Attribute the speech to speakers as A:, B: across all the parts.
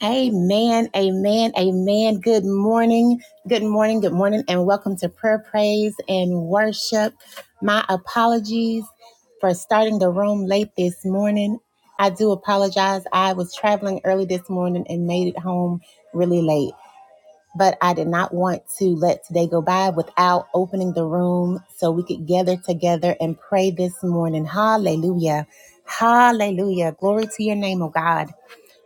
A: Amen, amen, amen. Good morning, good morning, good morning, and welcome to prayer, praise, and worship. My apologies for starting the room late this morning. I do apologize. I was traveling early this morning and made it home really late, but I did not want to let today go by without opening the room so we could gather together and pray this morning. Hallelujah. Hallelujah. Glory to your name, oh God.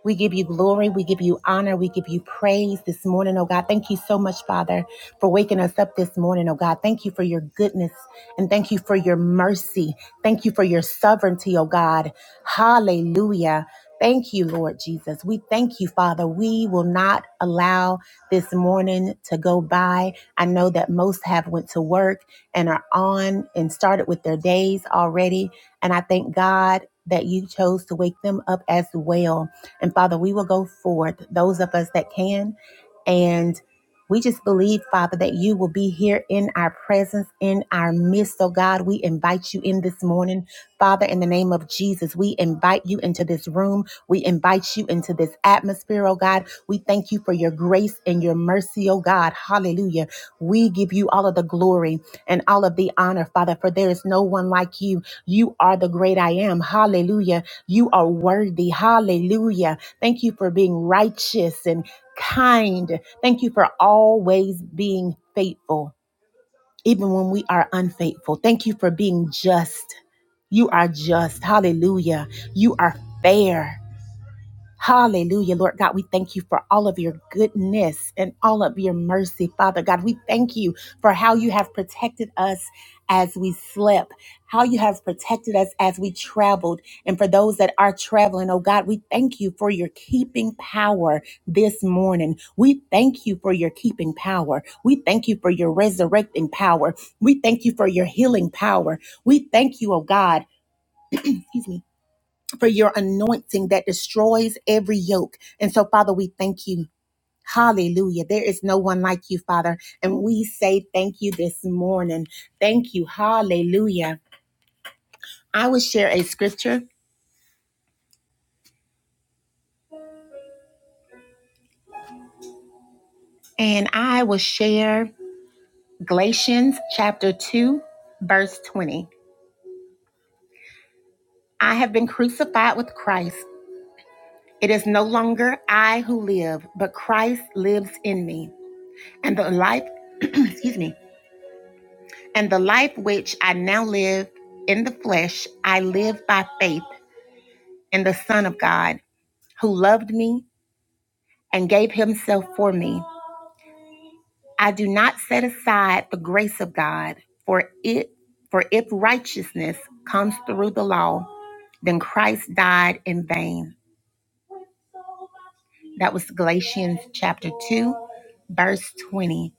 A: We give you glory. We give you honor. We give you praise this morning, oh God. Thank you so much, Father, for waking us up this morning, oh God. Thank you for your goodness and thank you for your mercy. Thank you for your sovereignty, oh God. Hallelujah. Thank you, Lord Jesus. We thank you, Father. We will not allow this morning to go by. I know that most have went to work and are on and started with their days already. And I thank God that you chose to wake them up as well. And Father, we will go forth, those of us that can. And we just believe, Father, that you will be here in our presence, in our midst. So, God, we invite you in this morning. Father, in the name of Jesus, we invite you into this room. We invite you into this atmosphere, oh God. We thank you for your grace and your mercy, oh God. Hallelujah. We give you all of the glory and all of the honor, Father, for there is no one like you. You are the great I am. Hallelujah. You are worthy. Hallelujah. Thank you for being righteous and kind. Thank you for always being faithful, even when we are unfaithful. Thank you for being just. You are just. Hallelujah. You are fair. Hallelujah, Lord God. We thank you for all of your goodness and all of your mercy, Father God. We thank you for how you have protected us as we slept, how you have protected us as we traveled. And for those that are traveling, oh God, we thank you for your keeping power this morning. We thank you for your keeping power. We thank you for your resurrecting power. We thank you for your healing power. We thank you, oh God. Excuse me for your anointing that destroys every yoke. And so, Father, we thank you. Hallelujah. There is no one like you, Father. And we say thank you this morning. Thank you. Hallelujah. I will share a scripture and I will share Galatians chapter 2, verse 20. I have been crucified with Christ. It is no longer I who live, but Christ lives in me. And the life, excuse me And the life which I now live in the flesh, I live by faith in the Son of God, who loved me and gave himself for me. I do not set aside the grace of God, for it for if righteousness comes through the law, then Christ died in vain. That was Galatians chapter 2, verse 20.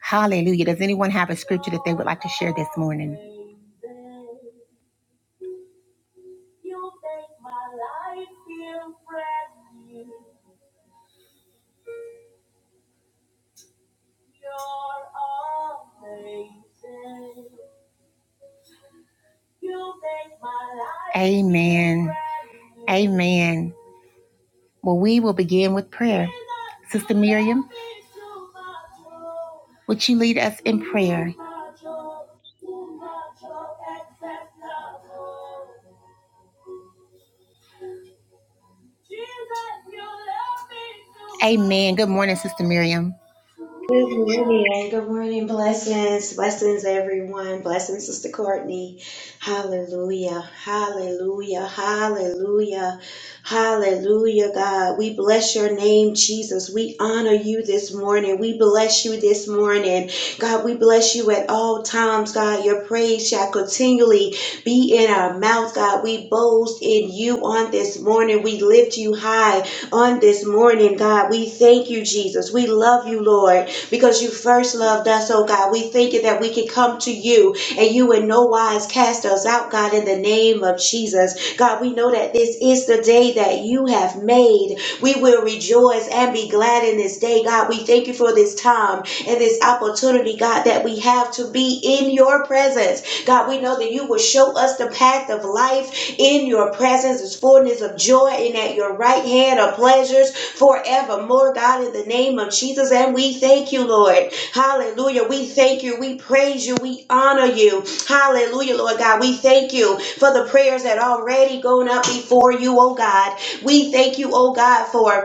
A: Hallelujah. Does anyone have a scripture that they would like to share this morning? Amen. Amen. Well, we will begin with prayer. Sister Miriam, would you lead us in prayer? Amen. Good morning, Sister Miriam.
B: Good morning. Good morning. Blessings. Blessings, everyone. Blessings, Sister Courtney. Hallelujah. Hallelujah. Hallelujah. Hallelujah, God. We bless your name, Jesus. We honor you this morning. We bless you this morning. God, we bless you at all times, God. Your praise shall continually be in our mouth, God. We boast in you on this morning. We lift you high on this morning, God. We thank you, Jesus. We love you, Lord because you first loved us, oh God. We thank you that we can come to you and you in no wise cast us out, God, in the name of Jesus. God, we know that this is the day that you have made. We will rejoice and be glad in this day, God. We thank you for this time and this opportunity, God, that we have to be in your presence. God, we know that you will show us the path of life in your presence is fullness of joy, and at your right hand are pleasures forevermore, God, in the name of Jesus. And we thank you, Lord. Hallelujah. We thank you. We praise you. We honor you. Hallelujah, Lord God. We thank you for the prayers that already gone up before you, oh God. We thank you, oh God, for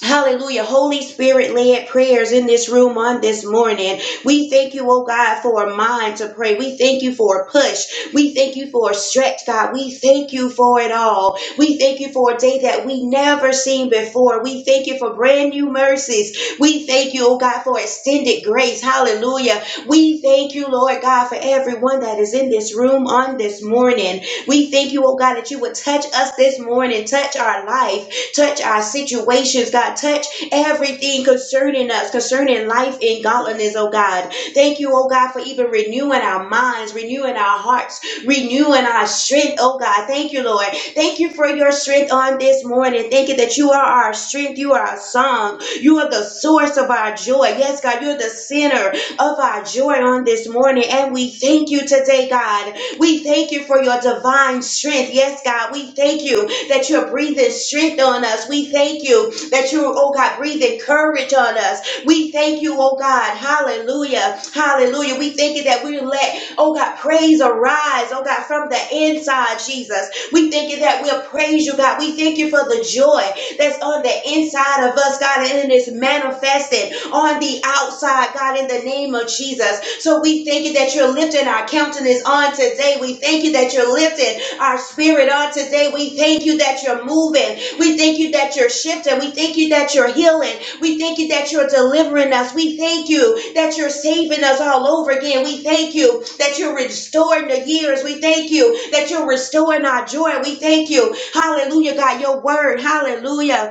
B: Hallelujah. Holy Spirit led prayers in this room on this morning. We thank you, oh God, for a mind to pray. We thank you for a push. We thank you for a stretch, God. We thank you for it all. We thank you for a day that we never seen before. We thank you for brand new mercies. We thank you, oh God, for extended grace. Hallelujah. We thank you, Lord God, for everyone that is in this room on this morning. We thank you, oh God, that you would touch us this morning, touch our life. Touch our situations, God. Touch everything concerning us, concerning life and godliness, oh God. Thank you, oh God, for even renewing our minds, renewing our hearts, renewing our strength, oh God. Thank you, Lord. Thank you for your strength on this morning. Thank you that you are our strength. You are our song. You are the source of our joy. Yes, God, you're the center of our joy on this morning. And we thank you today, God. We thank you for your divine strength. Yes, God, we thank you that you're breathing strength on us. We thank you that you're, oh God, breathing courage on us. We thank you, oh God. Hallelujah. Hallelujah. We thank you that we let, oh God, praise arise, oh God, from the inside, Jesus. We thank you that we'll praise you, God. We thank you for the joy that's on the inside of us, God, and it is manifested on the outside, God, in the name of Jesus. So we thank you that you're lifting our countenance on today. We thank you that you're lifting our spirit on today. We thank you that you're moving. We thank you that you're shifting. We thank you that you're healing. We thank you that you're delivering us. We thank you that you're saving us all over again. We thank you that you're restoring the years. We thank you that you're restoring our joy. We thank you. Hallelujah, God, your word. Hallelujah.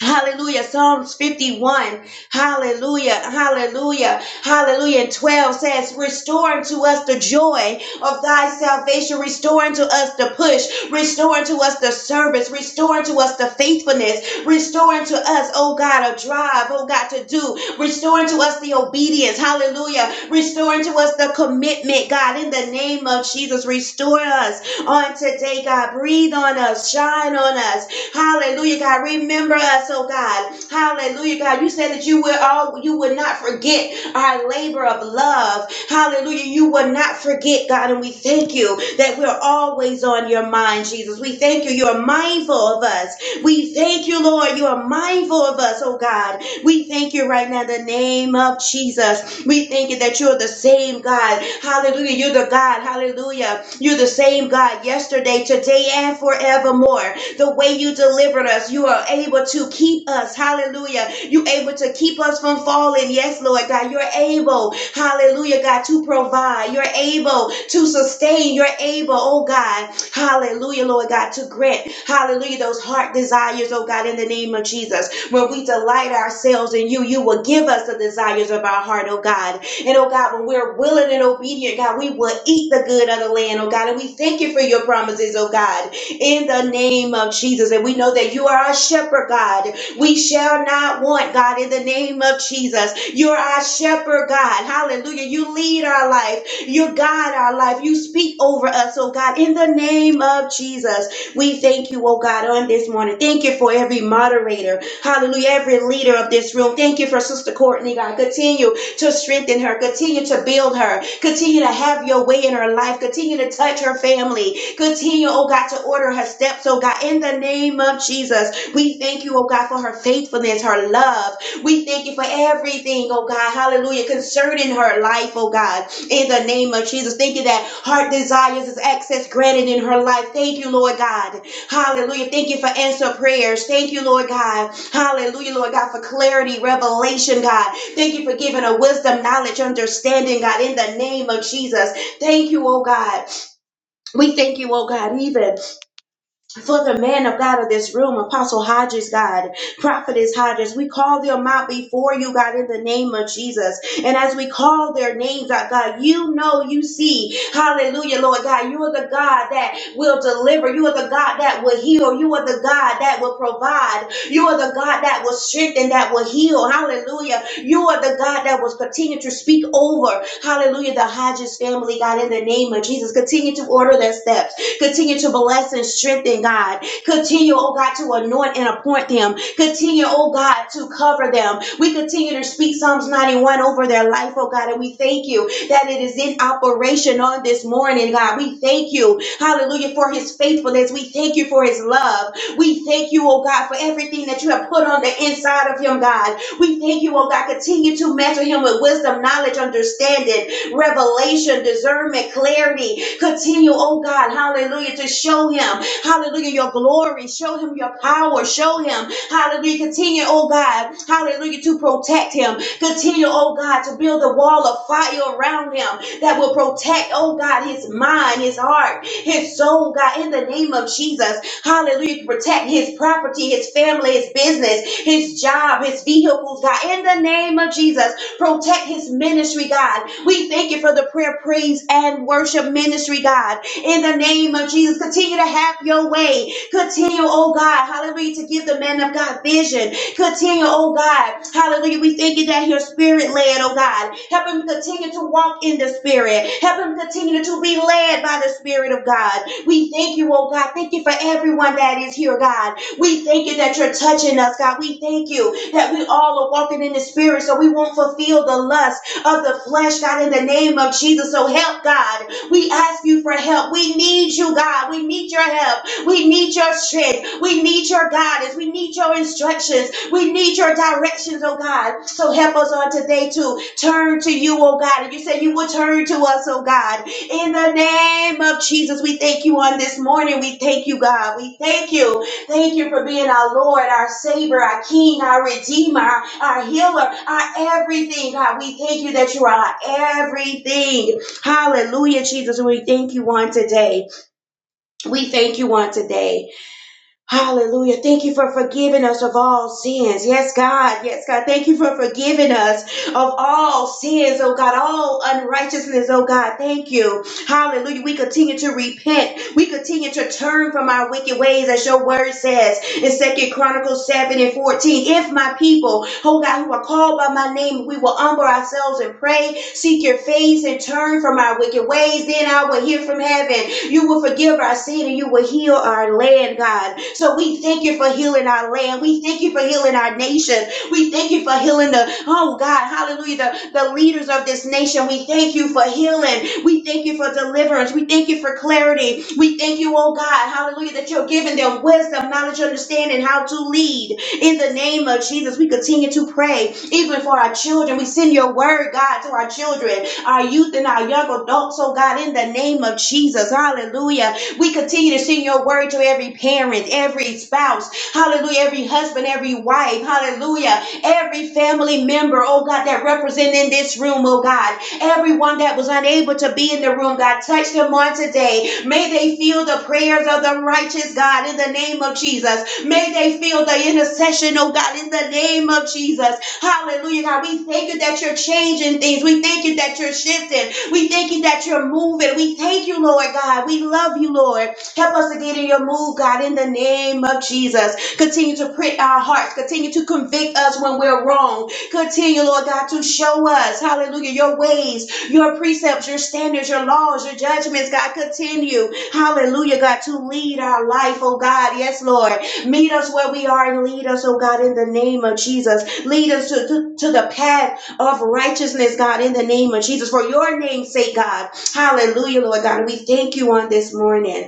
B: Hallelujah. Psalms 51. Hallelujah. Hallelujah. Hallelujah. And 12 says, Restore unto us the joy of thy salvation. Restore unto us the push. Restore unto us the service. Restore unto us the faithfulness. Restore unto us, oh God, a drive, oh God, to do. Restore unto us the obedience. Hallelujah. Restore unto us the commitment, God, in the name of Jesus. Restore us on today, God. Breathe on us. Shine on us. Hallelujah, God. Remember us, oh God. Hallelujah, God. You said that you will all you would not forget our labor of love. Hallelujah. You will not forget, God. And we thank you that we're always on your mind, Jesus. We thank you. You are mindful of us. We thank you, Lord. You are mindful of us, oh God. We thank you right now in the name of Jesus. We thank you that you're the same God. Hallelujah. You're the God. Hallelujah. You're the same God yesterday, today, and forevermore the way you delivered us. You are able to keep us. Hallelujah. You able to keep us from falling. Yes, Lord God. You're able. Hallelujah, God, to provide. You're able to sustain. You're able, oh God. Hallelujah, Lord God, to grant. Hallelujah, those heart desires, oh God, in the name of Jesus. When we delight ourselves in you, you will give us the desires of our heart, oh God. And oh God, when we're willing and obedient, God, we will eat the good of the land, oh God. And we thank you for your promises, oh God in the name of Jesus. And we know that you are our shepherd, God. We shall not want, God, in the name of Jesus. You're our shepherd, God. Hallelujah. You lead our life. You guide our life. You speak over us, oh God, in the name of Jesus. We thank you, oh God, on this morning. Thank you for every moderator. Hallelujah. Every leader of this room. Thank you for Sister Courtney, God. Continue to strengthen her. Continue to build her. Continue to have your way in her life. Continue to touch her family. Continue, oh God, to order her steps, oh God, in the name of Jesus. We thank you, oh God, for her faithfulness, her love. We thank you for everything, oh God, hallelujah, concerning her life, oh God, in the name of Jesus. Thank you that heart desires is access granted in her life. Thank you, Lord God, hallelujah. Thank you for answer prayers. Thank you, Lord God, hallelujah, Lord God, for clarity, revelation, God. Thank you for giving her wisdom, knowledge, understanding, God, in the name of Jesus. Thank you, oh God. We thank you, oh God, even for the man of God of this room, Apostle Hodges, God, Prophetess Hodges. We call them out before you, God, in the name of Jesus. And as we call their names out, God, you know, you see. Hallelujah, Lord God. You are the God that will deliver. You are the God that will heal. You are the God that will provide. You are the God that will strengthen, that will heal. Hallelujah. You are the God that will continue to speak over. Hallelujah, the Hodges family, God, in the name of Jesus. Continue to order their steps. Continue to bless and strengthen, God. Continue, oh God, to anoint and appoint them. Continue, oh God, to cover them. We continue to speak Psalms 91 over their life, oh God, and we thank you that it is in operation on this morning, God. We thank you, hallelujah, for his faithfulness. We thank you for his love. We thank you, oh God, for everything that you have put on the inside of him, God. We thank you, oh God. Continue to measure him with wisdom, knowledge, understanding revelation, discernment, clarity. Continue, oh God, hallelujah, to show him, hallelujah, your glory, show him your power, show him, hallelujah, continue, oh God, hallelujah, to protect him, continue, oh God, to build a wall of fire around him that will protect, oh God, his mind, his heart, his soul, God, in the name of Jesus, hallelujah, to protect his property, his family, his business, his job, his vehicles, God, in the name of Jesus. Protect his ministry, God. We thank you for the prayer, praise, and worship ministry, God. In the name of Jesus, continue to have your way. Continue, oh God, hallelujah, to give the man of God vision. Continue, oh God, hallelujah. We thank you that your spirit led, oh God. Help him continue to walk in the spirit. Help him continue to be led by the spirit of God. We thank you, oh God. Thank you for everyone that is here, God. We thank you that you're touching us, God. We thank you that we all are walking in the spirit so we won't fulfill the lust of the flesh, God, in the name of Jesus. So help, God. We ask you for help. We need you, God. We need your help. We need your strength. We need your guidance. We need your instructions. We need your directions, oh God. So help us on today to turn to you, oh God. And you said you will turn to us, oh God. In the name of Jesus, we thank you on this morning. We thank you, God. We thank you. Thank you for being our Lord, our Savior, our King, our Redeemer, our, our Healer, our everything. God, we thank you that you are our everything. Hallelujah, Jesus. We thank you on today. We thank you on today. Hallelujah. Thank you for forgiving us of all sins. Yes, God. Yes, God. Thank you for forgiving us of all sins, oh God, all unrighteousness, oh God. Thank you. Hallelujah. We continue to repent. We continue to turn from our wicked ways, as your word says in Second Chronicles 7 and 14. If my people, oh God, who are called by my name, we will humble ourselves and pray, seek your face, and turn from our wicked ways, then I will hear from heaven. You will forgive our sin and you will heal our land, God. So we thank you for healing our land. We thank you for healing our nation. We thank you for healing the, oh God, hallelujah, the, the leaders of this nation. We thank you for healing. We thank you for deliverance. We thank you for clarity. We thank you, oh God, hallelujah, that you're giving them wisdom, knowledge, understanding how to lead. In the name of Jesus, we continue to pray, even for our children. We send your word, God, to our children, our youth, and our young adults, oh God, in the name of Jesus. Hallelujah. We continue to send your word to every parent, every spouse, hallelujah, every husband, every wife, hallelujah. Every family member, oh God, that represent in this room, oh God. Everyone that was unable to be in the room, God, touch them on today. May they feel the prayers of the righteous, God, in the name of Jesus. May they feel the intercession, oh God, in the name of Jesus. Hallelujah, God. We thank you that you're changing things. We thank you that you're shifting. We thank you that you're moving. We thank you, Lord God. We love you, Lord. Help us to get in your move, God, in the name of Jesus. Continue to prick our hearts. Continue to convict us when we're wrong. Continue, Lord God, to show us, hallelujah, your ways, your precepts, your standards, your laws, your judgments. God, continue, hallelujah, God, to lead our life, oh God. Yes, Lord. Meet us where we are and lead us, oh God, in the name of Jesus. Lead us to, to, to the path of righteousness, God, in the name of Jesus. For your name's sake, God. Hallelujah, Lord God. And we thank you on this morning.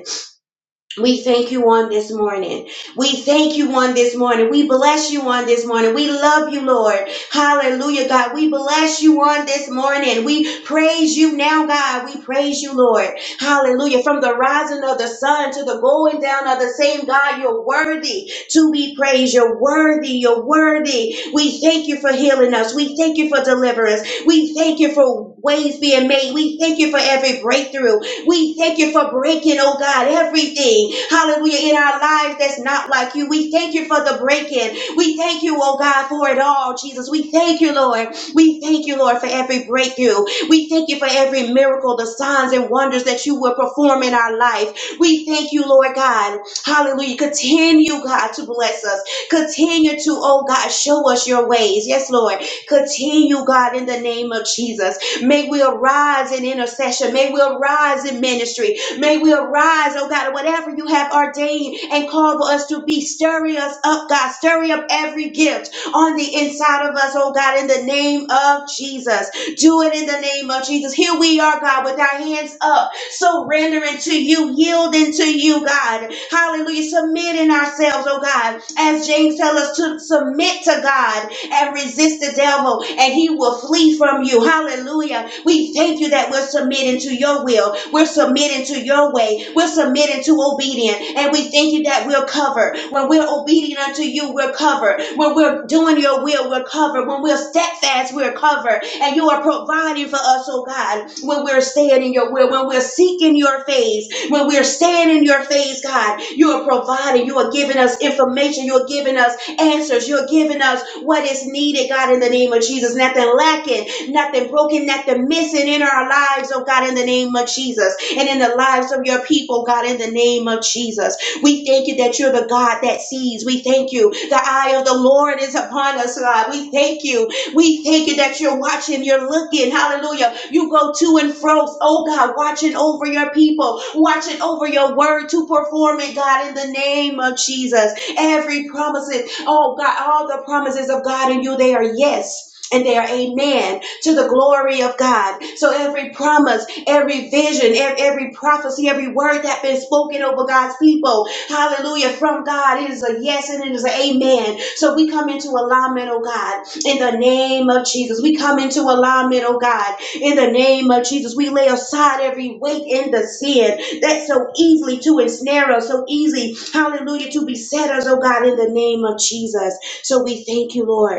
B: We thank you on this morning. We thank you on this morning. We bless you on this morning. We love you, Lord. Hallelujah, God. We bless you on this morning. We praise you now, God. We praise you, Lord. Hallelujah. From the rising of the sun to the going down of the same God, you're worthy to be praised. You're worthy. You're worthy. We thank you for healing us. We thank you for deliverance. We thank you for ways being made. We thank you for every breakthrough. We thank you for breaking, oh God, everything, hallelujah, in our lives that's not like you. We thank you for the breaking. We thank you, oh God, for it all, Jesus. We thank you, Lord. We thank you, Lord, for every breakthrough. We thank you for every miracle, the signs and wonders that you will perform in our life. We thank you, Lord God. Hallelujah. Continue, God, to bless us. Continue to, oh God, show us your ways. Yes, Lord. Continue, God, in the name of Jesus. May we arise in intercession. May we arise in ministry. May we arise, oh God, whatever you have ordained and called for us to be. Stirring us up, God. Stirring up every gift on the inside of us, oh God, in the name of Jesus. Do it in the name of Jesus. Here we are, God, with our hands up, surrendering to you, yielding to you, God. Hallelujah. Submitting ourselves, oh God, as James tells us to submit to God and resist the devil, and he will flee from you. Hallelujah. We thank you that we're submitting to your will, we're submitting to your way, we're submitting to obedience, and we thank you that we're covered. When we're obedient unto you, we're covered. When we're doing your will, we're covered. When we're steadfast, we're covered. And you are providing for us, oh God, when we're staying in your will, when we're seeking your face, when we're staying in your face, God, you are providing, you are giving us information, you are giving us answers. You're giving us what is needed, God, in the name of Jesus. Nothing lacking, nothing broken, nothing missing in our lives, oh God, in the name of Jesus. And in the lives of your people, God, in the name of Jesus. We thank you that you're the God that sees. We thank you. The eye of the Lord is upon us, God. We thank you. We thank you that you're watching, you're looking. Hallelujah. You go to and fro, oh God, watching over your people, watching over your word to perform it, God, in the name of Jesus. Every promises, oh God, all the promises of God in you, they are yes. And they are amen to the glory of God. So every promise, every vision, every prophecy, every word that has been spoken over God's people, hallelujah, from God, it is a yes and it is an amen. So we come into alignment, oh God, in the name of Jesus. We come into alignment, oh God, in the name of Jesus. We lay aside every weight and the sin that so easily to ensnare us, so easy, hallelujah, to beset us, oh God, in the name of Jesus. So we thank you, Lord.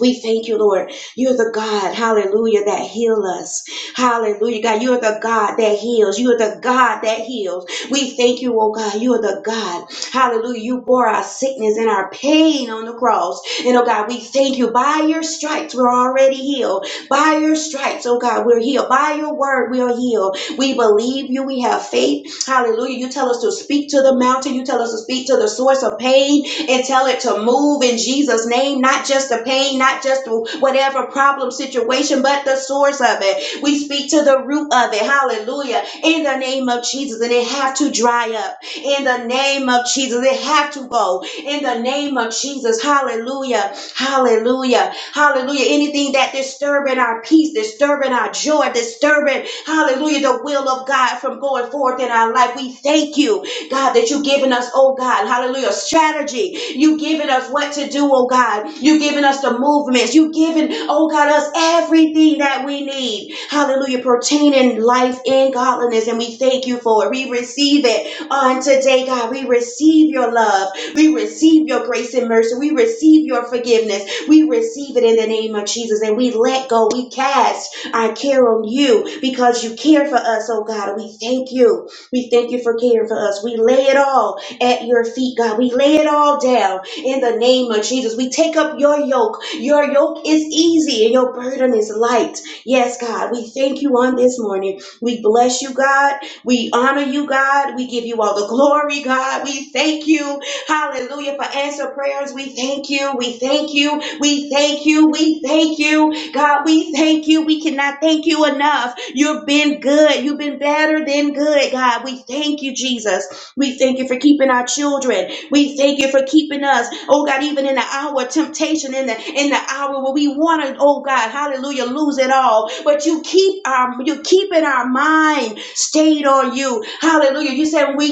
B: We thank you, Lord. You're the God, hallelujah, that heal us. Hallelujah, God. You're the God that heals. You're the God that heals. We thank you, oh God. You're the God, hallelujah. You bore our sickness and our pain on the cross. And oh God, we thank you. By your stripes, we're already healed. By your stripes, oh God, we're healed. By your word, we are healed. We believe you. We have faith. Hallelujah. You tell us to speak to the mountain. You tell us to speak to the source of pain and tell it to move in Jesus' name, not just the pain, not just whatever problem situation, but the source of it. We speak to the root of it. Hallelujah. In the name of Jesus. And it have to dry up. In the name of Jesus. It have to go. In the name of Jesus. Hallelujah. Hallelujah. Hallelujah. Anything that disturbing our peace, disturbing our joy, disturbing, hallelujah, the will of God from going forth in our life. We thank you. God, that you've given us, oh God, hallelujah, strategy. You've given us what to do, oh God. You've given us the movements. You've given, oh God, us everything that we need, hallelujah, pertaining life and godliness. And we thank you for it. We receive it on today, God. We receive your love. We receive your grace and mercy. We receive your forgiveness. We receive it in the name of Jesus. And we let go. We cast our care on you because you care for us, oh God. we thank you. We thank you for caring for us. We lay it all at your feet, God. We lay it all down in the name of Jesus. We take up your yoke. Your yoke is easy and your burden is light. Yes, God. We thank you on this morning. We bless you, God. We honor you, God. We give you all the glory, God. We thank you. Hallelujah for answer prayers. We thank you. We thank you. We thank you. We thank you. God, we thank you. We cannot thank you enough. You've been good. You've been better than good, God. We thank you, Jesus. We thank you for keeping our children. We thank you for keeping us. Oh God, even in the hour of temptation, in the in the hour where we want to, oh God, hallelujah, lose it all. But you keep our you keeping our mind stayed on you. Hallelujah. You said we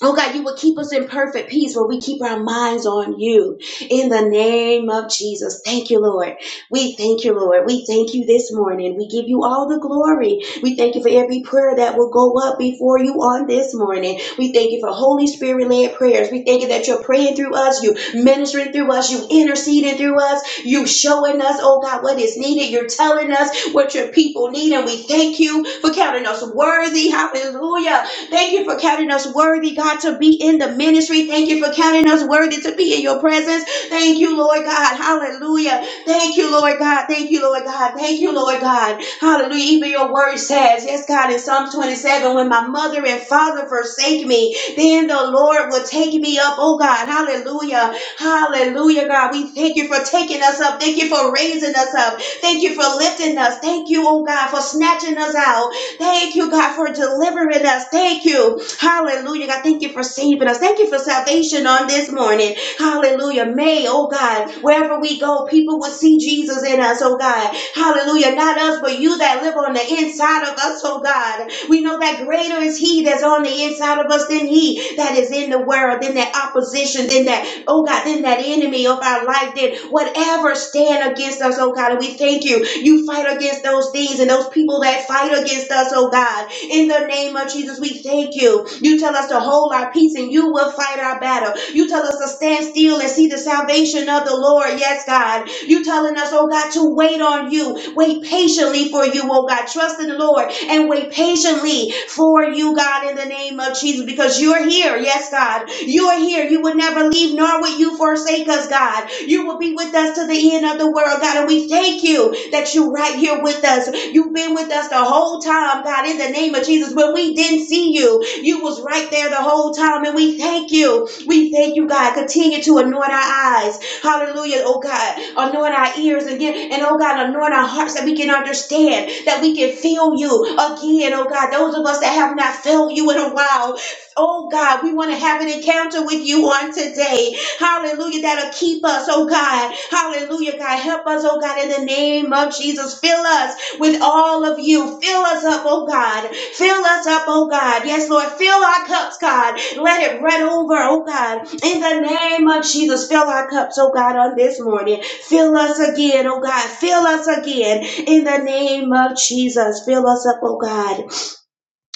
B: Oh God, you will keep us in perfect peace where we keep our minds on you. In the name of Jesus. Thank you, Lord. We thank you, Lord. We thank you this morning. We give you all the glory. We thank you for every prayer that will go up before you on this morning. We thank you for Holy Spirit led prayers. We thank you that you're praying through us, you ministering through us, you interceding through us, you showing us, oh God, what is needed. You're telling us what your people need. And we thank you for counting us worthy. Hallelujah Thank you for counting us worthy, God, to be in the ministry. Thank you for counting us worthy to be in your presence. Thank you, Lord God. Hallelujah. Thank you, Lord God. Thank you, Lord God. Thank you, Lord God. Hallelujah. Even your word says, yes, God, in Psalms 27, when my mother and father forsake me, then the Lord will take me up. Oh, God. Hallelujah. Hallelujah, God. We thank you for taking us up. Thank you for raising us up. Thank you for lifting us. Thank you, oh, God, for snatching us out. Thank you, God, for delivering us. Thank you. Hallelujah. God, thank you for saving us. Thank you for salvation on this morning. Hallelujah. May, oh God, wherever we go, people will see Jesus in us, oh God. Hallelujah. Not us, but you that live on the inside of us, oh God. We know that greater is He that's on the inside of us than He that is in the world, than that opposition, than that oh God, then that enemy of our life, then whatever stand against us, oh God, and we thank you. You fight against those things and those people that fight against us, oh God. In the name of Jesus, we thank you. You tell us to hold our peace and you will fight our battle. You tell us to stand still and see the salvation of the Lord. Yes, God. You telling us, oh God, to wait on you, wait patiently for you, oh God. Trust in the Lord and wait patiently for you, God, in the name of Jesus, because you're here. Yes, God. You're here. You will never leave, nor will you forsake us, God. You will be with us to the end of the world, God. And we thank you that you're right here with us. You've been with us the whole time, God, in the name of Jesus. When we didn't see you, you was right there the whole time. And we thank you. We thank you, God. Continue to anoint our eyes. Hallelujah, oh God. Anoint our ears again. And oh God, anoint our hearts that we can understand, that we can feel you again, oh God. Those of us that have not felt you in a while, oh God, we want to have an encounter with you on today. Hallelujah, that'll keep us, oh God. Hallelujah, God. Help us, oh God, in the name of Jesus. Fill us with all of you. Fill us up, oh God. Fill us up, oh God. Yes, Lord. Fill our cups, God. Let it run over, oh God. In the name of Jesus, fill our cups, oh God, on this morning. Fill us again, oh God. Fill us again. In the name of Jesus, fill us up, oh God.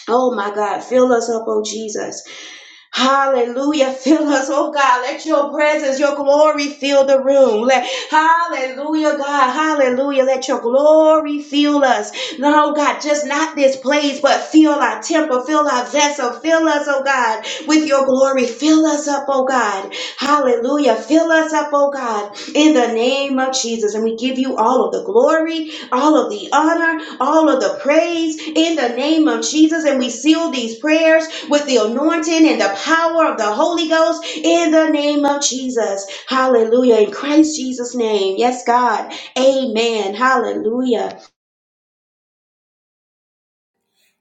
B: Oh my God, fill us up, oh Jesus. Hallelujah. Fill us, oh God. Let your presence, your glory fill the room. Let, hallelujah, God. Hallelujah. Let your glory fill us. No, oh God, just not this place, but fill our temple, fill our vessel, fill us, oh God, with your glory. Fill us up, oh God. Hallelujah. Fill us up, oh God, in the name of Jesus. And we give you all of the glory, all of the honor all of the praise in the name of Jesus. And we seal these prayers with the anointing and the power of the Holy Ghost in the name of Jesus. Hallelujah. In Christ Jesus' name. Yes, God. Amen. Hallelujah.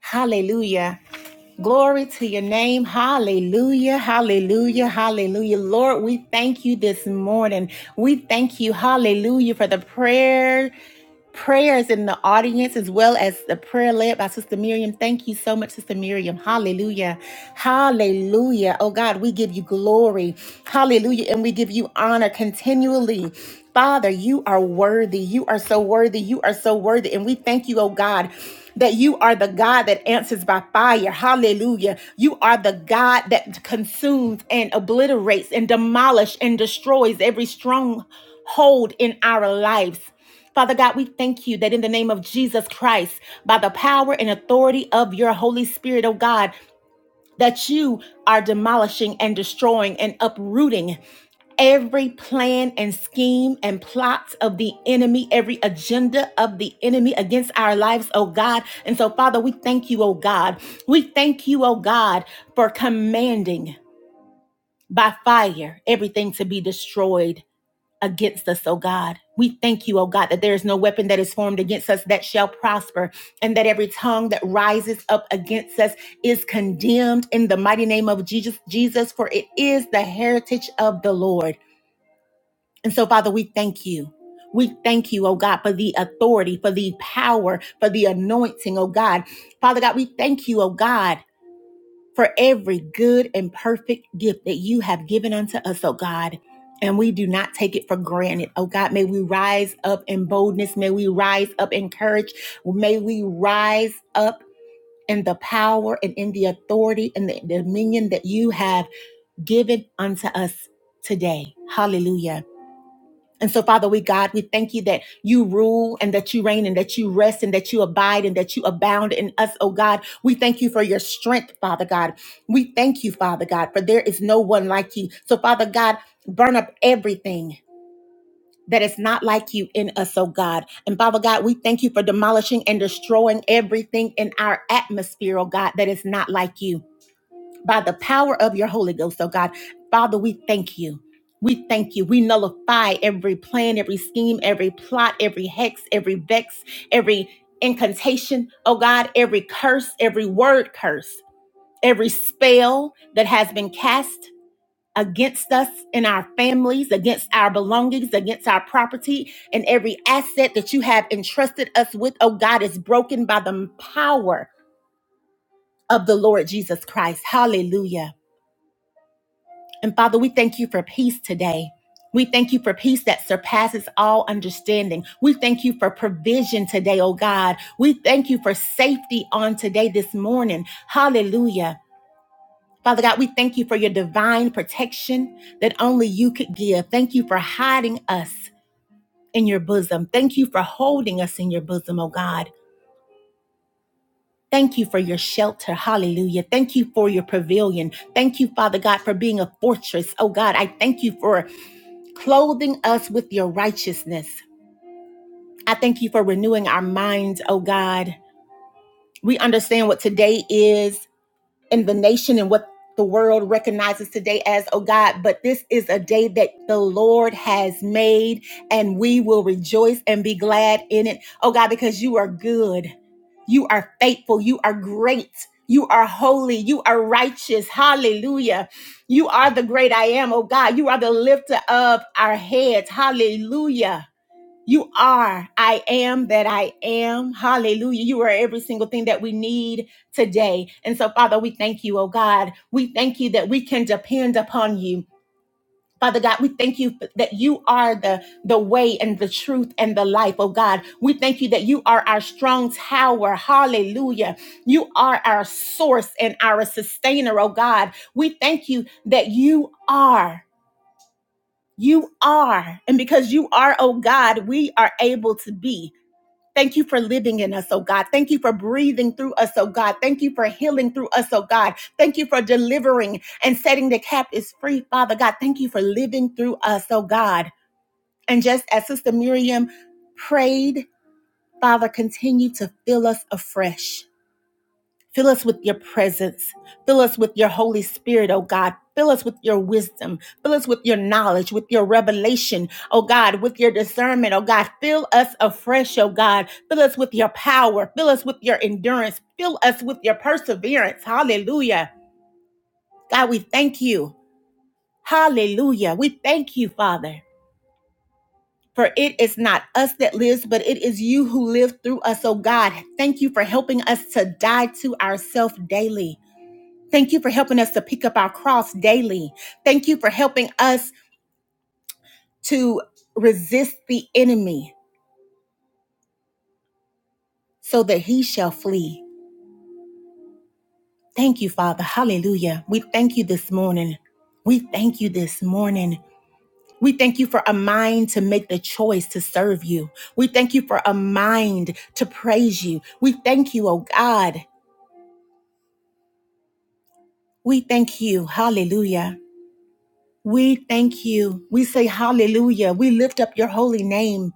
A: Hallelujah. Glory to your name. Hallelujah. Hallelujah. Hallelujah. Lord, we thank you this morning. We thank you. Hallelujah for the prayer prayers in the audience as well as the prayer led by Sister Miriam. Thank you so much, Sister Miriam. Hallelujah. Hallelujah. Oh God, we give you glory. Hallelujah. And we give you honor continually. Father, you are worthy. You are so worthy. You are so worthy. And we thank you, oh God. That you are the God that answers by fire. Hallelujah. You are the God that consumes and obliterates and demolishes and destroys every stronghold in our lives. Father God, we thank you that in the name of Jesus Christ, by the power and authority of your Holy Spirit, oh God, that you are demolishing and destroying and uprooting every plan and scheme and plots of the enemy, every agenda of the enemy against our lives, oh God. And so, Father, we thank you, oh God. We thank you, oh God, for commanding by fire everything to be destroyed against us, oh God. We thank you, oh God, that there is no weapon that is formed against us that shall prosper, and that every tongue that rises up against us is condemned in the mighty name of Jesus, Jesus, for it is the heritage of the Lord. And so, Father, we thank you. We thank you, oh God, for the authority, for the power, for the anointing, oh God. Father God, we thank you, oh God for every good and perfect gift that you have given unto us, oh God. And we do not take it for granted. Oh God, may we rise up in boldness. May we rise up in courage. May we rise up in the power and in the authority and the dominion that you have given unto us today. Hallelujah. And so, Father, we God, we thank you that you rule and that you reign and that you rest and that you abide and that you abound in us, oh God. We thank you for your strength, Father God. We thank you, Father God, for there is no one like you. So, Father God, burn up everything. That is not like you in us, oh God. And Father God, we thank you for demolishing and destroying everything in our atmosphere, oh God, that is not like you by the power of your Holy Ghost, oh God. Father, we thank you. We thank you. We nullify every plan, every scheme, every plot, every hex, every vex, every incantation, oh God, every curse, every word curse, every spell that has been cast against us and our families, against our belongings, against our property, and every asset that you have entrusted us with, oh God, is broken by the power of the Lord Jesus Christ. Hallelujah. And Father, we thank you for peace today. We thank you for peace that surpasses all understanding. We thank you for provision today, oh God. We thank you for safety on today, this morning. Hallelujah. Father God, we thank you for your divine protection that only you could give. Thank you for hiding us in your bosom. Thank you for holding us in your bosom, oh God. Thank you for your shelter. Hallelujah. Thank you for your pavilion. Thank you, Father God, for being a fortress. Oh God, I thank you for clothing us with your righteousness. I thank you for renewing our minds, oh God. We understand what today is in the nation and what the world recognizes today as, oh God, but this is a day that the Lord has made and we will rejoice and be glad in it, oh God, because you are good, you are faithful, you are great. You are holy. You are righteous. Hallelujah. You are the great I am, oh God. You are the lifter of our heads. Hallelujah. You are. I am that I am. Hallelujah. You are every single thing that we need today. And so, Father, we thank you, oh God. We thank you that we can depend upon you. Father God, we thank you that you are the, the way and the truth and the life, oh God. We thank you that you are our strong tower. Hallelujah. You are our source and our sustainer, oh God. We thank you that you are. You are. And because you are, oh God, we are able to be. Thank you for living in us, oh God. Thank you for breathing through us, oh God. Thank you for healing through us, oh God. Thank you for delivering and setting the captives free, Father God. Thank you for living through us, oh God. And just as Sister Miriam prayed, Father, continue to fill us afresh. Fill us with your presence. Fill us with your Holy Spirit, oh God. Fill us with your wisdom. Fill us with your knowledge, with your revelation, oh God, with your discernment, oh God. Fill us afresh, oh God. Fill us with your power. Fill us with your endurance. Fill us with your perseverance. Hallelujah. God, we thank you. Hallelujah. We thank you, Father. For it is not us that lives, but it is you who live through us, oh God. Thank you for helping us to die to ourselves daily. Thank you for helping us to pick up our cross daily. Thank you for helping us to resist the enemy so that he shall flee. Thank you, Father. Hallelujah. We thank you this morning. We thank you this morning. We thank you for a mind to make the choice to serve you. We thank you for a mind to praise you. We thank you, oh God. We thank you. Hallelujah. We thank you. We say hallelujah. We lift up your holy name.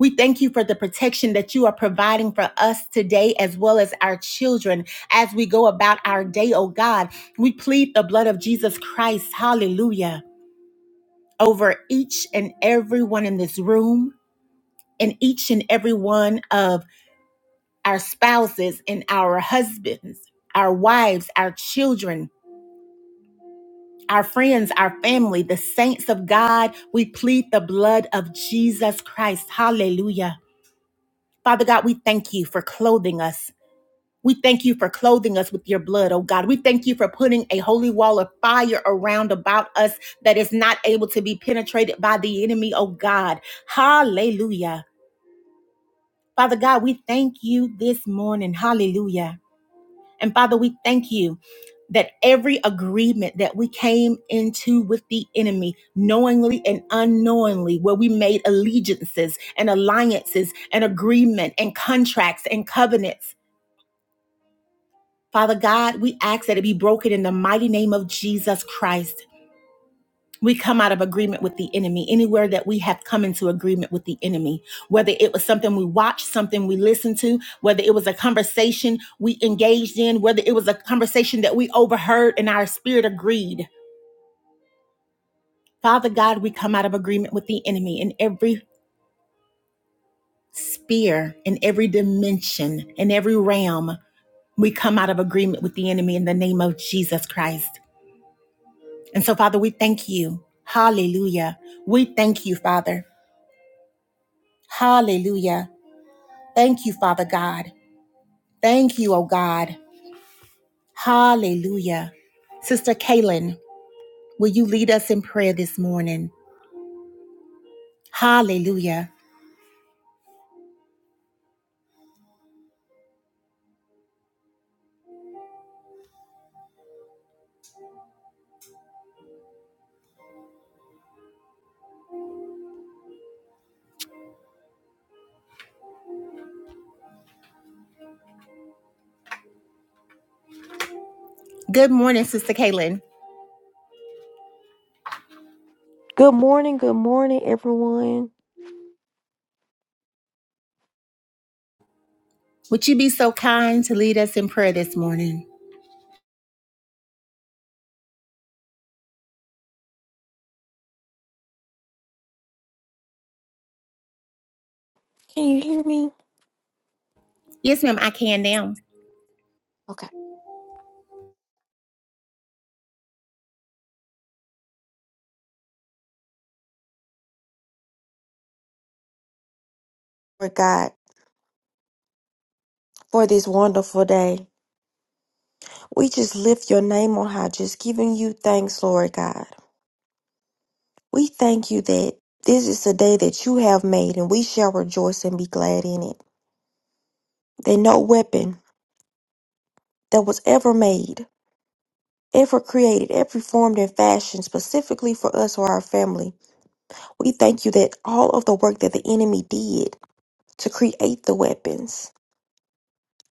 A: We thank you for the protection that you are providing for us today, as well as our children, as we go about our day, oh God. We plead the blood of Jesus Christ, hallelujah, over each and every one in this room, and each and every one of our spouses and our husbands, our wives, our children. Our friends, our family, the saints of God, we plead the blood of Jesus Christ. Hallelujah. Father God, we thank you for clothing us We thank you for clothing us with your blood, oh God. We thank you for putting a holy wall of fire around about us that is not able to be penetrated by the enemy, oh God. Hallelujah. Father God, we thank you this morning. Hallelujah. And Father, we thank you that every agreement that we came into with the enemy, knowingly and unknowingly, where we made allegiances and alliances and agreement and contracts and covenants Father God, we ask that it be broken in the mighty name of Jesus Christ. We come out of agreement with the enemy anywhere that we have come into agreement with the enemy, whether it was something we watched, something we listened to, whether it was a conversation we engaged in, whether it was a conversation that we overheard and our spirit agreed. Father God, we come out of agreement with the enemy in every sphere, in every dimension, in every realm. We come out of agreement with the enemy in the name of Jesus Christ. And so, Father, we thank you. Hallelujah. We thank you, Father. Hallelujah. Thank you, Father God. Thank you, oh God. Hallelujah. Sister Kaylin, will you lead us in prayer this morning? Hallelujah. Good morning, Sister Kaylin.
C: Good morning, good morning, everyone.
A: Would you be so kind to lead us in prayer this morning?
C: Can you hear me?
A: Yes, ma'am, I can now.
C: Okay. Lord God, for this wonderful day, we just lift your name on high, just giving you thanks, Lord God. We thank you that this is the day that you have made, and we shall rejoice and be glad in it. That no weapon that was ever made, ever created, ever formed and fashioned specifically for us or our family, we thank you that all of the work that the enemy did to create the weapons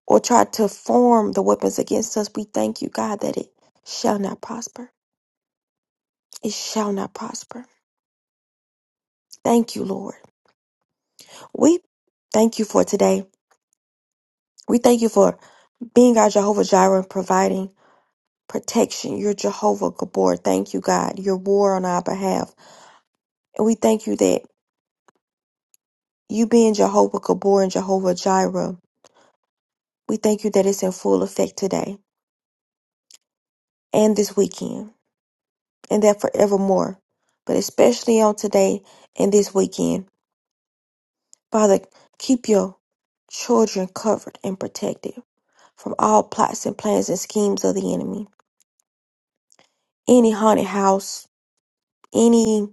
C: or try to form the weapons against us, we thank you, God, that it shall not prosper. It shall not prosper. Thank you, Lord. We thank you for today. We thank you for being our Jehovah Jireh and providing protection. You're Jehovah Gabor. Thank you, God. Your war on our behalf. And we thank you that you being Jehovah Gabor and Jehovah Jireh, we thank you that it's in full effect today and this weekend and that forevermore, but especially on today and this weekend. Father, keep your children covered and protected from all plots and plans and schemes of the enemy. Any haunted house, any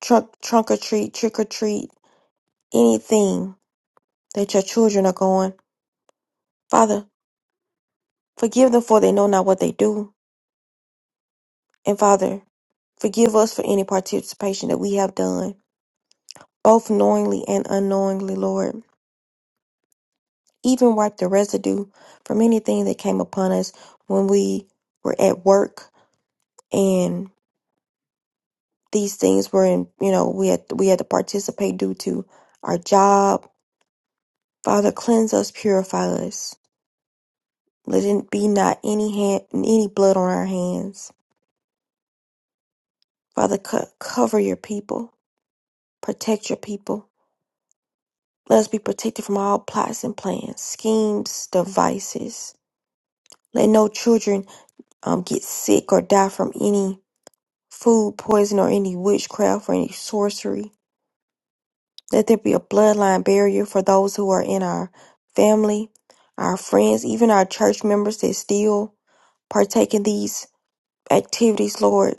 C: trunk, trunk or treat, trick or treat, anything that your children are going. Father, forgive them for they know not what they do. And Father, forgive us for any participation that we have done, both knowingly and unknowingly, Lord. Even wipe the residue from anything that came upon us when we were at work and. these things were in you know we had we had to participate due to our job father cleanse us purify us let it be not any hand any blood on our hands father co- cover your people protect your people let us be protected from all plots and plans schemes devices let no children um, get sick or die from any food poison or any witchcraft or any sorcery Let there be a bloodline barrier for those who are in our family, our friends, even our church members that still partake in these activities, Lord.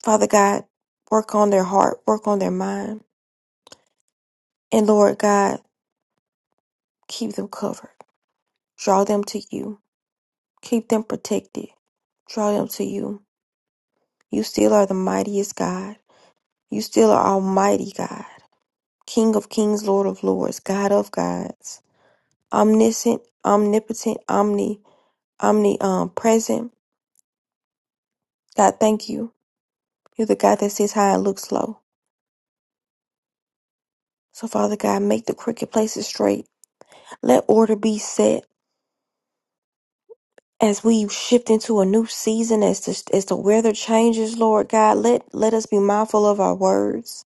C: Father God, work on their heart, work on their mind. And Lord God, keep them covered. Draw them to you. Keep them protected. Draw them to you. You still are the mightiest God. You still are Almighty God, King of kings, Lord of lords, God of gods, omniscient, omnipotent, omni omnipresent. God, thank you. You're the God that sits high and looks low. So, Father God, make the crooked places straight. Let order be set as we shift into a new season, as the, as the weather changes, Lord God. Let, let us be mindful of our words.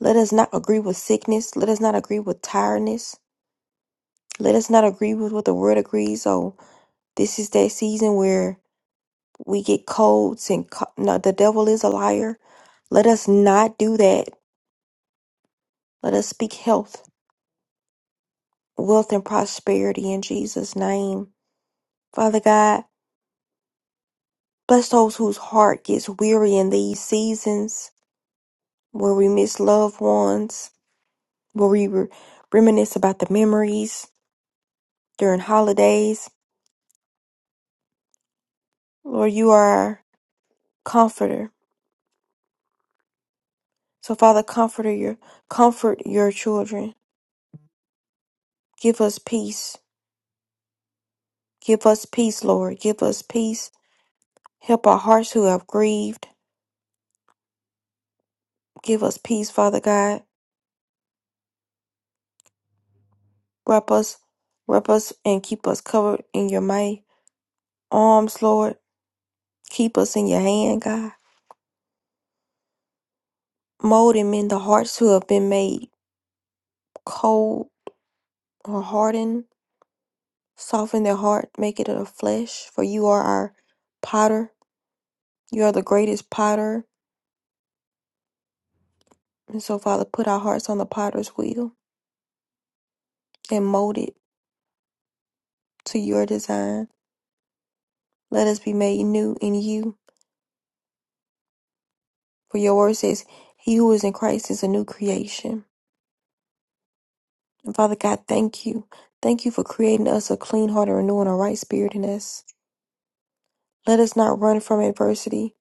C: Let us not agree with sickness. Let us not agree with tiredness. Let us not agree with what the world agrees. Oh, this is that season where we get colds and co- no, the devil is a liar. Let us not do that. Let us speak health. wealth and prosperity in Jesus' name. Father God, bless those whose heart gets weary in these seasons where we miss loved ones, where we re- reminisce about the memories during holidays. Lord, you are our comforter. So Father, comforter your comfort your children. Give us peace. Give us peace, Lord. Give us peace. Help our hearts who have grieved. Give us peace, Father God. Wrap us, wrap us, and keep us covered in your might. arms, Lord. Keep us in your hand, God. Mold and mend the hearts who have been made cold or hardened. Soften their heart, make it of flesh, for you are our potter. You are the greatest potter. And so, Father, put our hearts on the potter's wheel and mold it to your design. Let us be made new in you. For your word says, He who is in Christ is a new creation. And Father God, thank you. Thank you for creating us a clean heart and renewing a right spirit in us. Let us not run from adversity.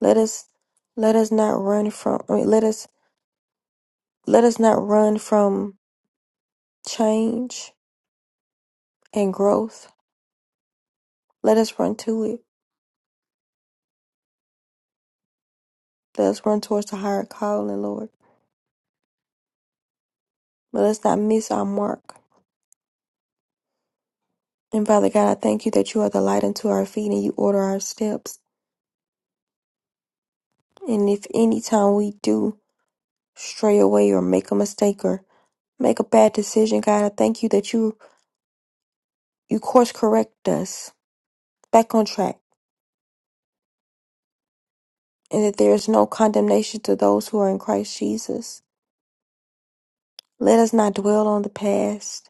C: Let us let us not run from I mean, let us let us not run from change and growth. Let us run to it. Let us run towards the higher calling, Lord. But Let us not miss our mark. And Father God, I thank you that you are the light unto our feet and you order our steps. And if any time we do stray away or make a mistake or make a bad decision, God, I thank you that you you course correct us back on track and that there is no condemnation to those who are in Christ Jesus. Let us not dwell on the past,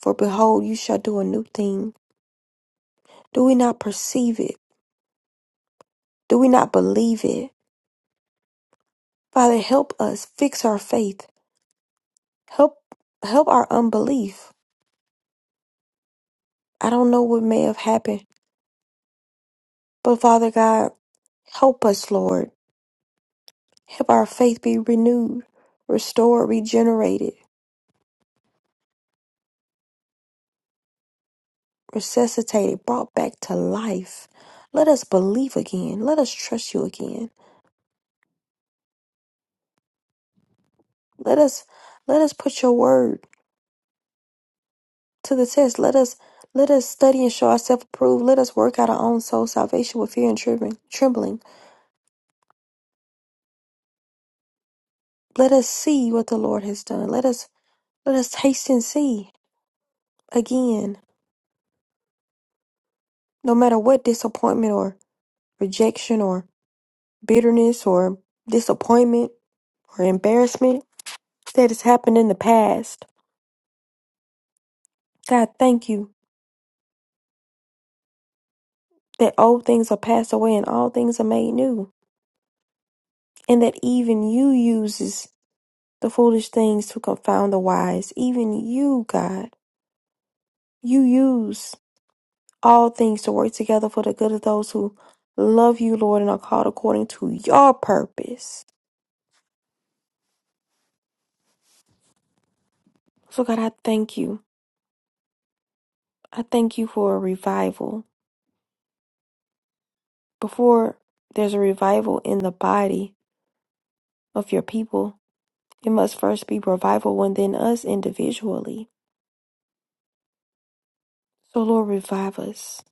C: for behold, you shall do a new thing. Do we not perceive it? Do we not believe it? Father, help us fix our faith. Help help our unbelief. I don't know what may have happened, but Father God, help us, Lord. Help our faith be renewed, restored, regenerated, resuscitated, brought back to life. Let us believe again. Let us trust you again. Let us let us put your word to the test. Let us let us study and show ourselves approved. Let us work out our own soul salvation with fear and trembling. Trembling. Let us see what the Lord has done. Let us let us taste and see again. No matter what disappointment or rejection or bitterness or disappointment or embarrassment that has happened in the past. God, thank you that old things are passed away and all things are made new, and that even you uses the foolish things to confound the wise. Even you, God, you use all things to work together for the good of those who love you, Lord, and are called according to your purpose. So, God, I thank you. I thank you for a revival. Before there's a revival in the body of your people, it must first be revival within us individually. So, Lord, revive us.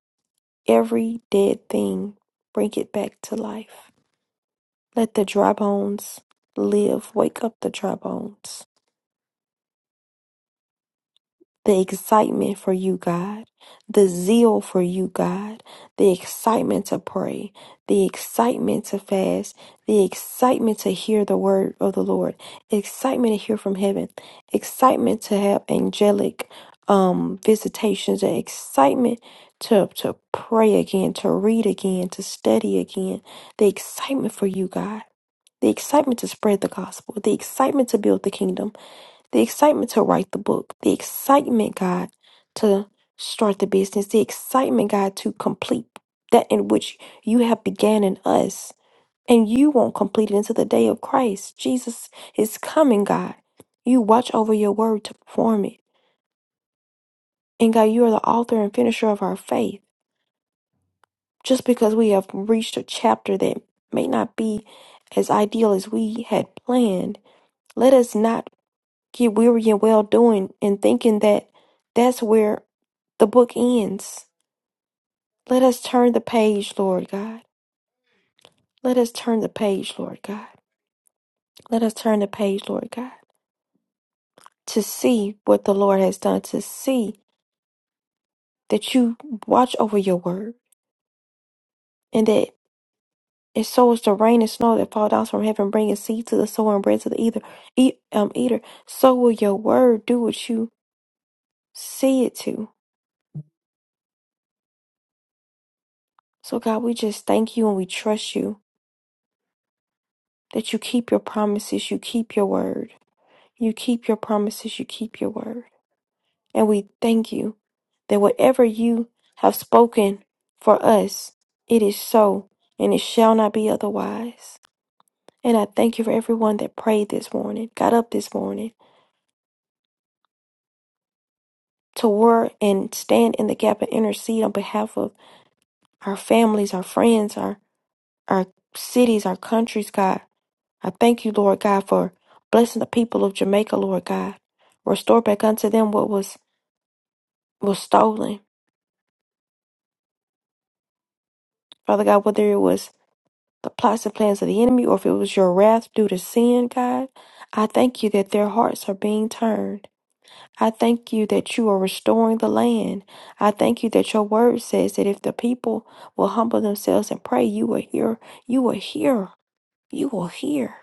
C: Every dead thing, bring it back to life. Let the dry bones live. Wake up the dry bones. The excitement for you, God. The zeal for you, God. The excitement to pray. The excitement to fast. The excitement to hear the word of the Lord. Excitement to hear from heaven. Excitement to have angelic um visitations. The excitement to to pray again, to read again, to study again. The excitement for you, God. the excitement to spread the gospel, the excitement to build the kingdom, the excitement to write the book, the excitement, God, to start the business, the excitement, God, to complete that in which you have began in us. And you won't complete it until the day of Christ. Jesus is coming, God. You watch over your word to perform it. And God, you are the author and finisher of our faith. Just because we have reached a chapter that may not be as ideal as we had planned, let us not get weary and well doing and thinking that that's where the book ends. Let us turn the page, Lord God. Let us turn the page, Lord God. Let us turn the page, Lord God, to see what the Lord has done, to see that you watch over your word and that it sows the rain and snow that fall down from heaven, bringing seed to the sower and bread to the eater. Eat, um, eater. So will your word do what you see it to. So God, we just thank you and we trust you that you keep your promises, you keep your word. You keep your promises, you keep your word. And we thank you that whatever you have spoken for us, it is so and it shall not be otherwise. And I thank you for everyone that prayed this morning, got up this morning to work and stand in the gap and intercede on behalf of our families, our friends, our, our cities, our countries, God. I thank you, Lord God, for blessing the people of Jamaica, Lord God. Restore back unto them what was was stolen. Father God, whether it was the plots and plans of the enemy or if it was your wrath due to sin, God, I thank you that their hearts are being turned. I thank you that you are restoring the land. I thank you that your word says that if the people will humble themselves and pray, you will hear, you will hear, you will hear.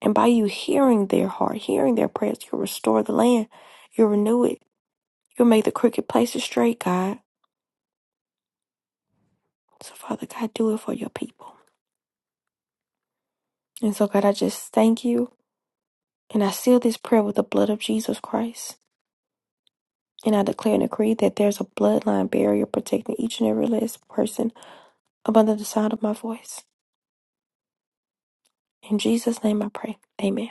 C: And by you hearing their heart, hearing their prayers, you restore the land, you renew it. You'll make the crooked places straight, God. So, Father God, do it for your people. And so, God, I just thank you. And I seal this prayer with the blood of Jesus Christ. And I declare and decree that there's a bloodline barrier protecting each and every last person under the sound of my voice. In Jesus' name I pray. Amen.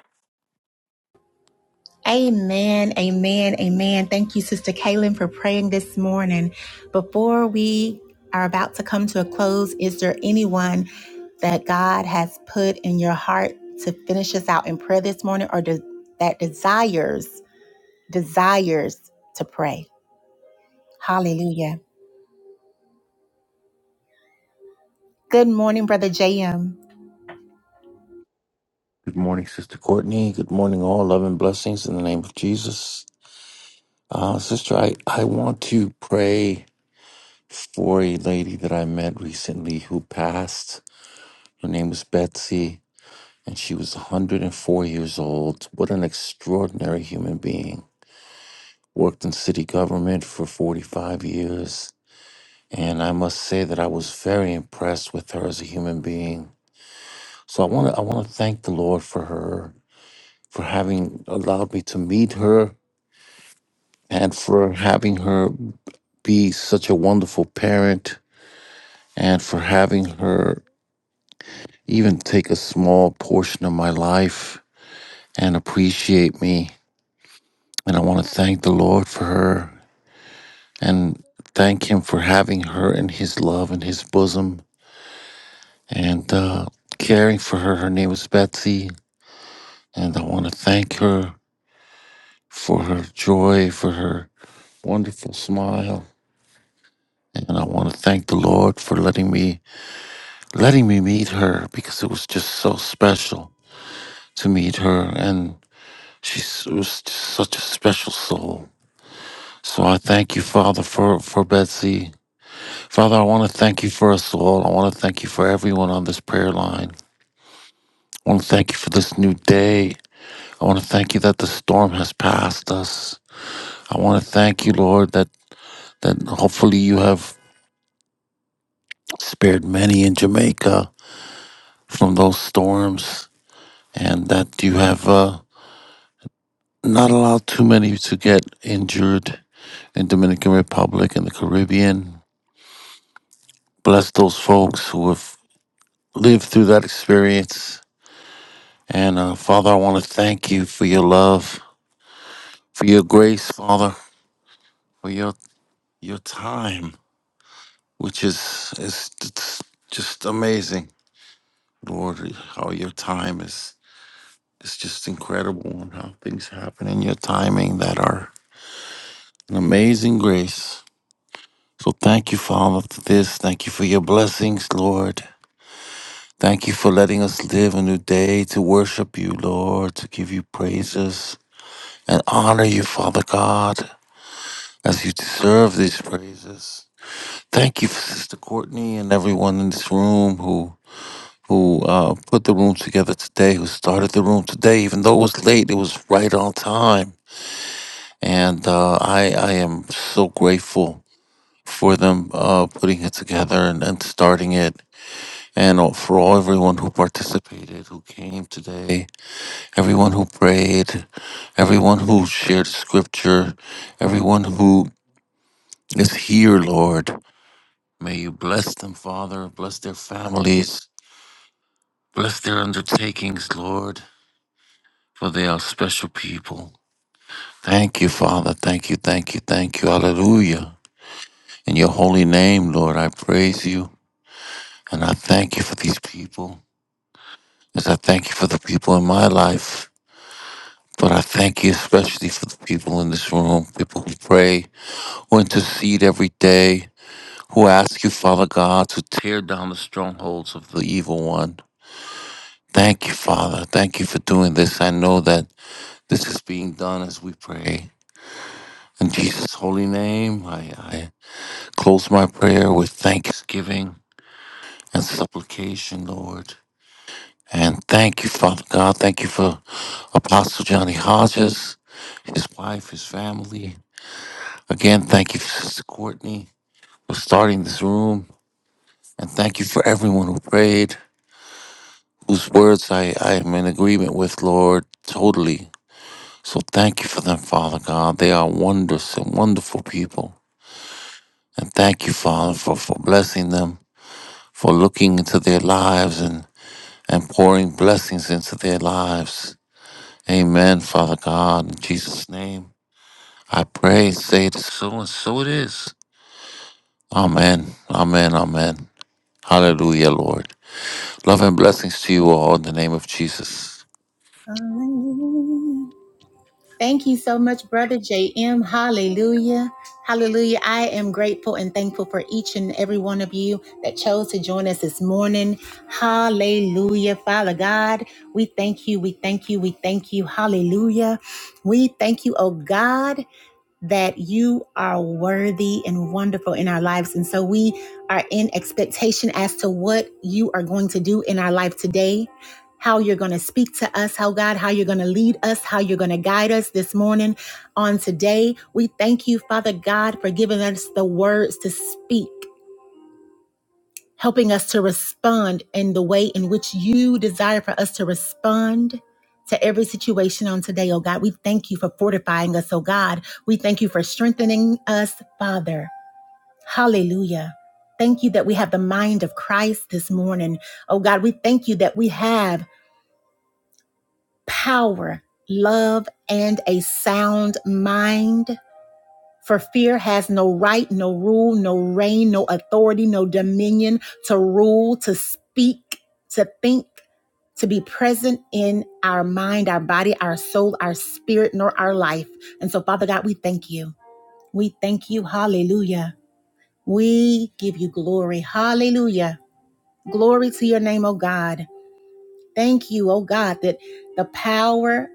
A: Amen, amen, amen. Thank you, Sister Kaylin, for praying this morning. Before we are about to come to a close, is there anyone that God has put in your heart to finish us out in prayer this morning or does that desires, desires to pray? Hallelujah. Good morning, Brother JM.
D: Good morning, Sister Courtney. Good morning, all. Love and blessings in the name of Jesus. Uh, Sister, I, I want to pray for a lady that I met recently who passed. Her name was Betsy, and she was 104 years old. What an extraordinary human being. Worked in city government for 45 years, and I must say that I was very impressed with her as a human being. So I want to I want to thank the Lord for her for having allowed me to meet her and for having her be such a wonderful parent and for having her even take a small portion of my life and appreciate me. And I want to thank the Lord for her and thank Him for having her in His love and His bosom and uh, caring for her. Her name is Betsy. And I want to thank her for her joy, for her wonderful smile. And I want to thank the Lord for letting me letting me meet her because it was just so special to meet her. And she s- was just such a special soul. So I thank you, Father, for, for Betsy. Father, I want to thank you for us all. I want to thank you for everyone on this prayer line. I want to thank you for this new day. I want to thank you that the storm has passed us. I want to thank you, Lord, that, that hopefully you have spared many in Jamaica from those storms and that you have. uh, not allow too many to get injured in Dominican Republic and the Caribbean. Bless those folks who have lived through that experience. And uh, Father, I want to thank you for your love, for your grace, Father, for your your time, which is is it's just amazing, Lord. How your time is is just incredible, and how things happen in your timing that are an amazing grace. So thank you Father, for this. Thank you for your blessings, Lord. Thank you for letting us live a new day to worship you, Lord, to give you praises and honor you, Father God, as you deserve these praises. Thank you for Sister Courtney and everyone in this room who who uh, put the room together today, who started the room today, even though it was late, it was right on time. And uh, I, I am so grateful for them uh, putting it together and, and starting it and all- for all everyone who participated, who came today, everyone who prayed, everyone who shared scripture, everyone who is here, Lord. May you bless them, Father, bless their families, bless their undertakings, Lord, for they are special people. Thank you, Father. Thank you, thank you, thank you. Hallelujah. In your holy name, Lord, I praise you and I thank you for these people. As I thank you for the people in my life But I thank you especially for the people in this room, people who pray, who intercede every day, who ask you, Father God, to tear down the strongholds of the evil one. Thank you, Father. Thank you for doing this. I know that this is being done as we pray. In Jesus' holy name, I, I close my prayer with thanksgiving and supplication, Lord. And thank you, Father God. Thank you for Apostle Johnny Hodges, his wife, his family. Again, thank you, Sister Courtney, for starting this room. And thank you for everyone who prayed, whose words I, I am in agreement with, Lord, totally. So thank you for them, Father God. They are wondrous and wonderful people. And thank you, Father, for, for blessing them, for looking into their lives and, and pouring blessings into their lives. Amen, Father God. In Jesus' name, I pray, and say it is so, and so it is. Amen. Amen. Amen. Hallelujah, Lord. Love and blessings to you all in the name of Jesus.
A: Thank you so much, Brother JM. Hallelujah. Hallelujah. I am grateful and thankful for each and every one of you that chose to join us this morning. Hallelujah. Father God, we thank you. We thank you. We thank you. Hallelujah. We thank you, oh God that you are worthy and wonderful in our lives. And so we are in expectation as to what you are going to do in our life today, how you're going to speak to us, how God, how you're going to lead us, how you're going to guide us this morning on today. We thank you, Father God, for giving us the words to speak helping us to respond in the way in which you desire for us to respond to every situation on today, oh God. We thank you for fortifying us, oh God. We thank you for strengthening us, Father. Hallelujah. Thank you that we have the mind of Christ this morning. Oh God, we thank you that we have power, love, and a sound mind. For fear has no right, no rule, no reign, no authority, no dominion to rule, to speak, to think, to be present in our mind, our body, our soul, our spirit, nor our life. And so, Father God, we thank you. We thank you. Hallelujah. We give you glory. Hallelujah. Glory to your name, O God. Thank you, O God, that the power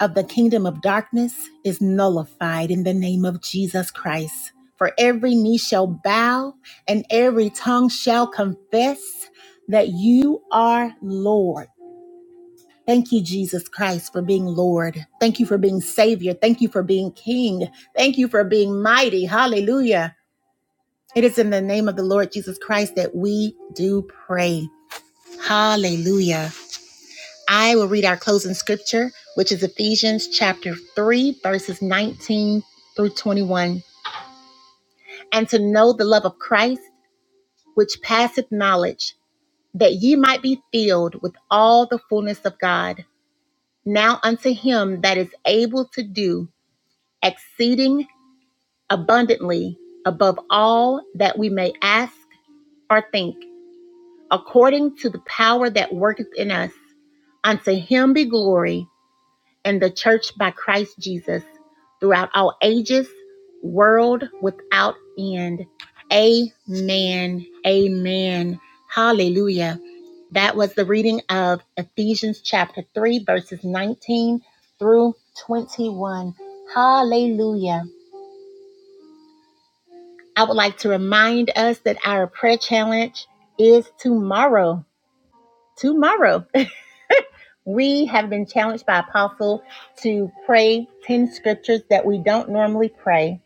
A: of the kingdom of darkness is nullified in the name of Jesus Christ. For every knee shall bow and every tongue shall confess that you are Lord. Thank you, Jesus Christ, for being Lord. Thank you for being Savior. Thank you for being King. Thank you for being mighty. Hallelujah. It is in the name of the Lord Jesus Christ that we do pray. Hallelujah. I will read our closing scripture, which is Ephesians chapter 3, verses 19 through 21. And to know the love of Christ, which passeth knowledge, that ye might be filled with all the fullness of God. Now unto him that is able to do exceeding abundantly above all that we may ask or think, according to the power that worketh in us, unto him be glory and the church by Christ Jesus throughout all ages, world without end. Amen. Amen. Hallelujah. That was the reading of Ephesians chapter 3, verses 19 through 21. Hallelujah. I would like to remind us that our prayer challenge is tomorrow. Tomorrow. We have been challenged by Apostle to pray 10 scriptures that we don't normally pray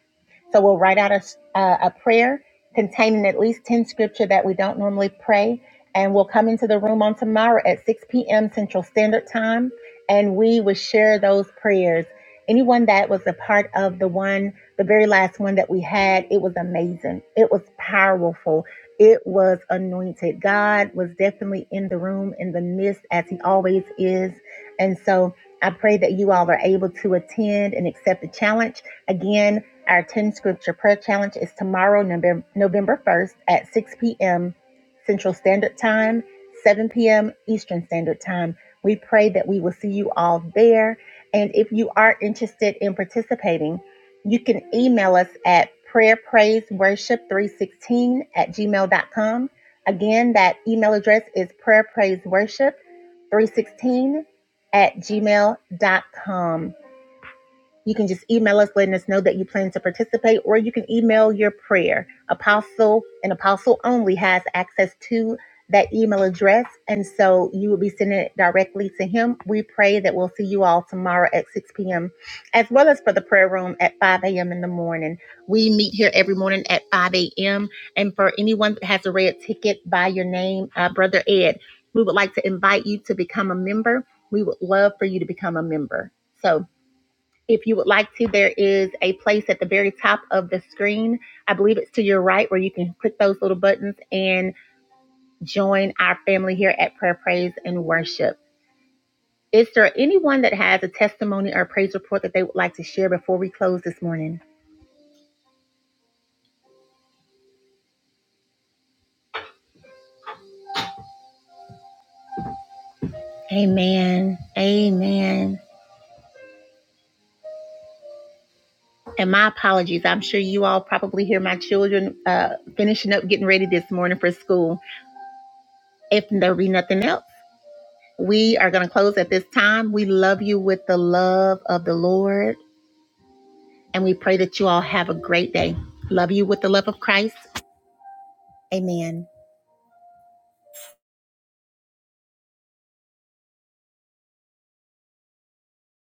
A: so we'll write out a, s- uh, a prayer containing at least 10 scripture that we don't normally pray. And we'll come into the room on tomorrow at 6 p.m. Central Standard Time and we will share those prayers. Anyone that was a part of the one, the very last one that we had, it was amazing. It was powerful. It was anointed. God was definitely in the room, in the midst, as He always is. And so I pray that you all are able to attend and accept the challenge. Again, our 10 scripture prayer challenge is tomorrow, November, 1st at 6 p.m. Central Standard Time, 7 p.m. Eastern Standard Time. We pray that we will see you all there. And if you are interested in participating, you can email us at prayerpraiseworship316 at gmail.com. Again, that email address is prayerpraiseworship316 at gmail.com. You can just email us, letting us know that you plan to participate, or you can email your prayer. Apostle and Apostle only has access to that email address, and so you will be sending it directly to him. We pray that we'll see you all tomorrow at 6 p.m., as well as for the prayer room at 5 a.m. in the morning. We meet here every morning at 5 a.m., and for anyone that has a red ticket by your name, uh, Brother Ed, we would like to invite you to become a member. We would love for you to become a member. So, if you would like to, there is a place at the very top of the screen. I believe it's to your right where you can click those little buttons and join our family here at Prayer, Praise, and Worship. Is there anyone that has a testimony or praise report that they would like to share before we close this morning? Amen. Amen. And my apologies. I'm sure you all probably hear my children uh, finishing up getting ready this morning for school. If there be nothing else, we are going to close at this time. We love you with the love of the Lord. And we pray that you all have a great day. Love you with the love of Christ. Amen.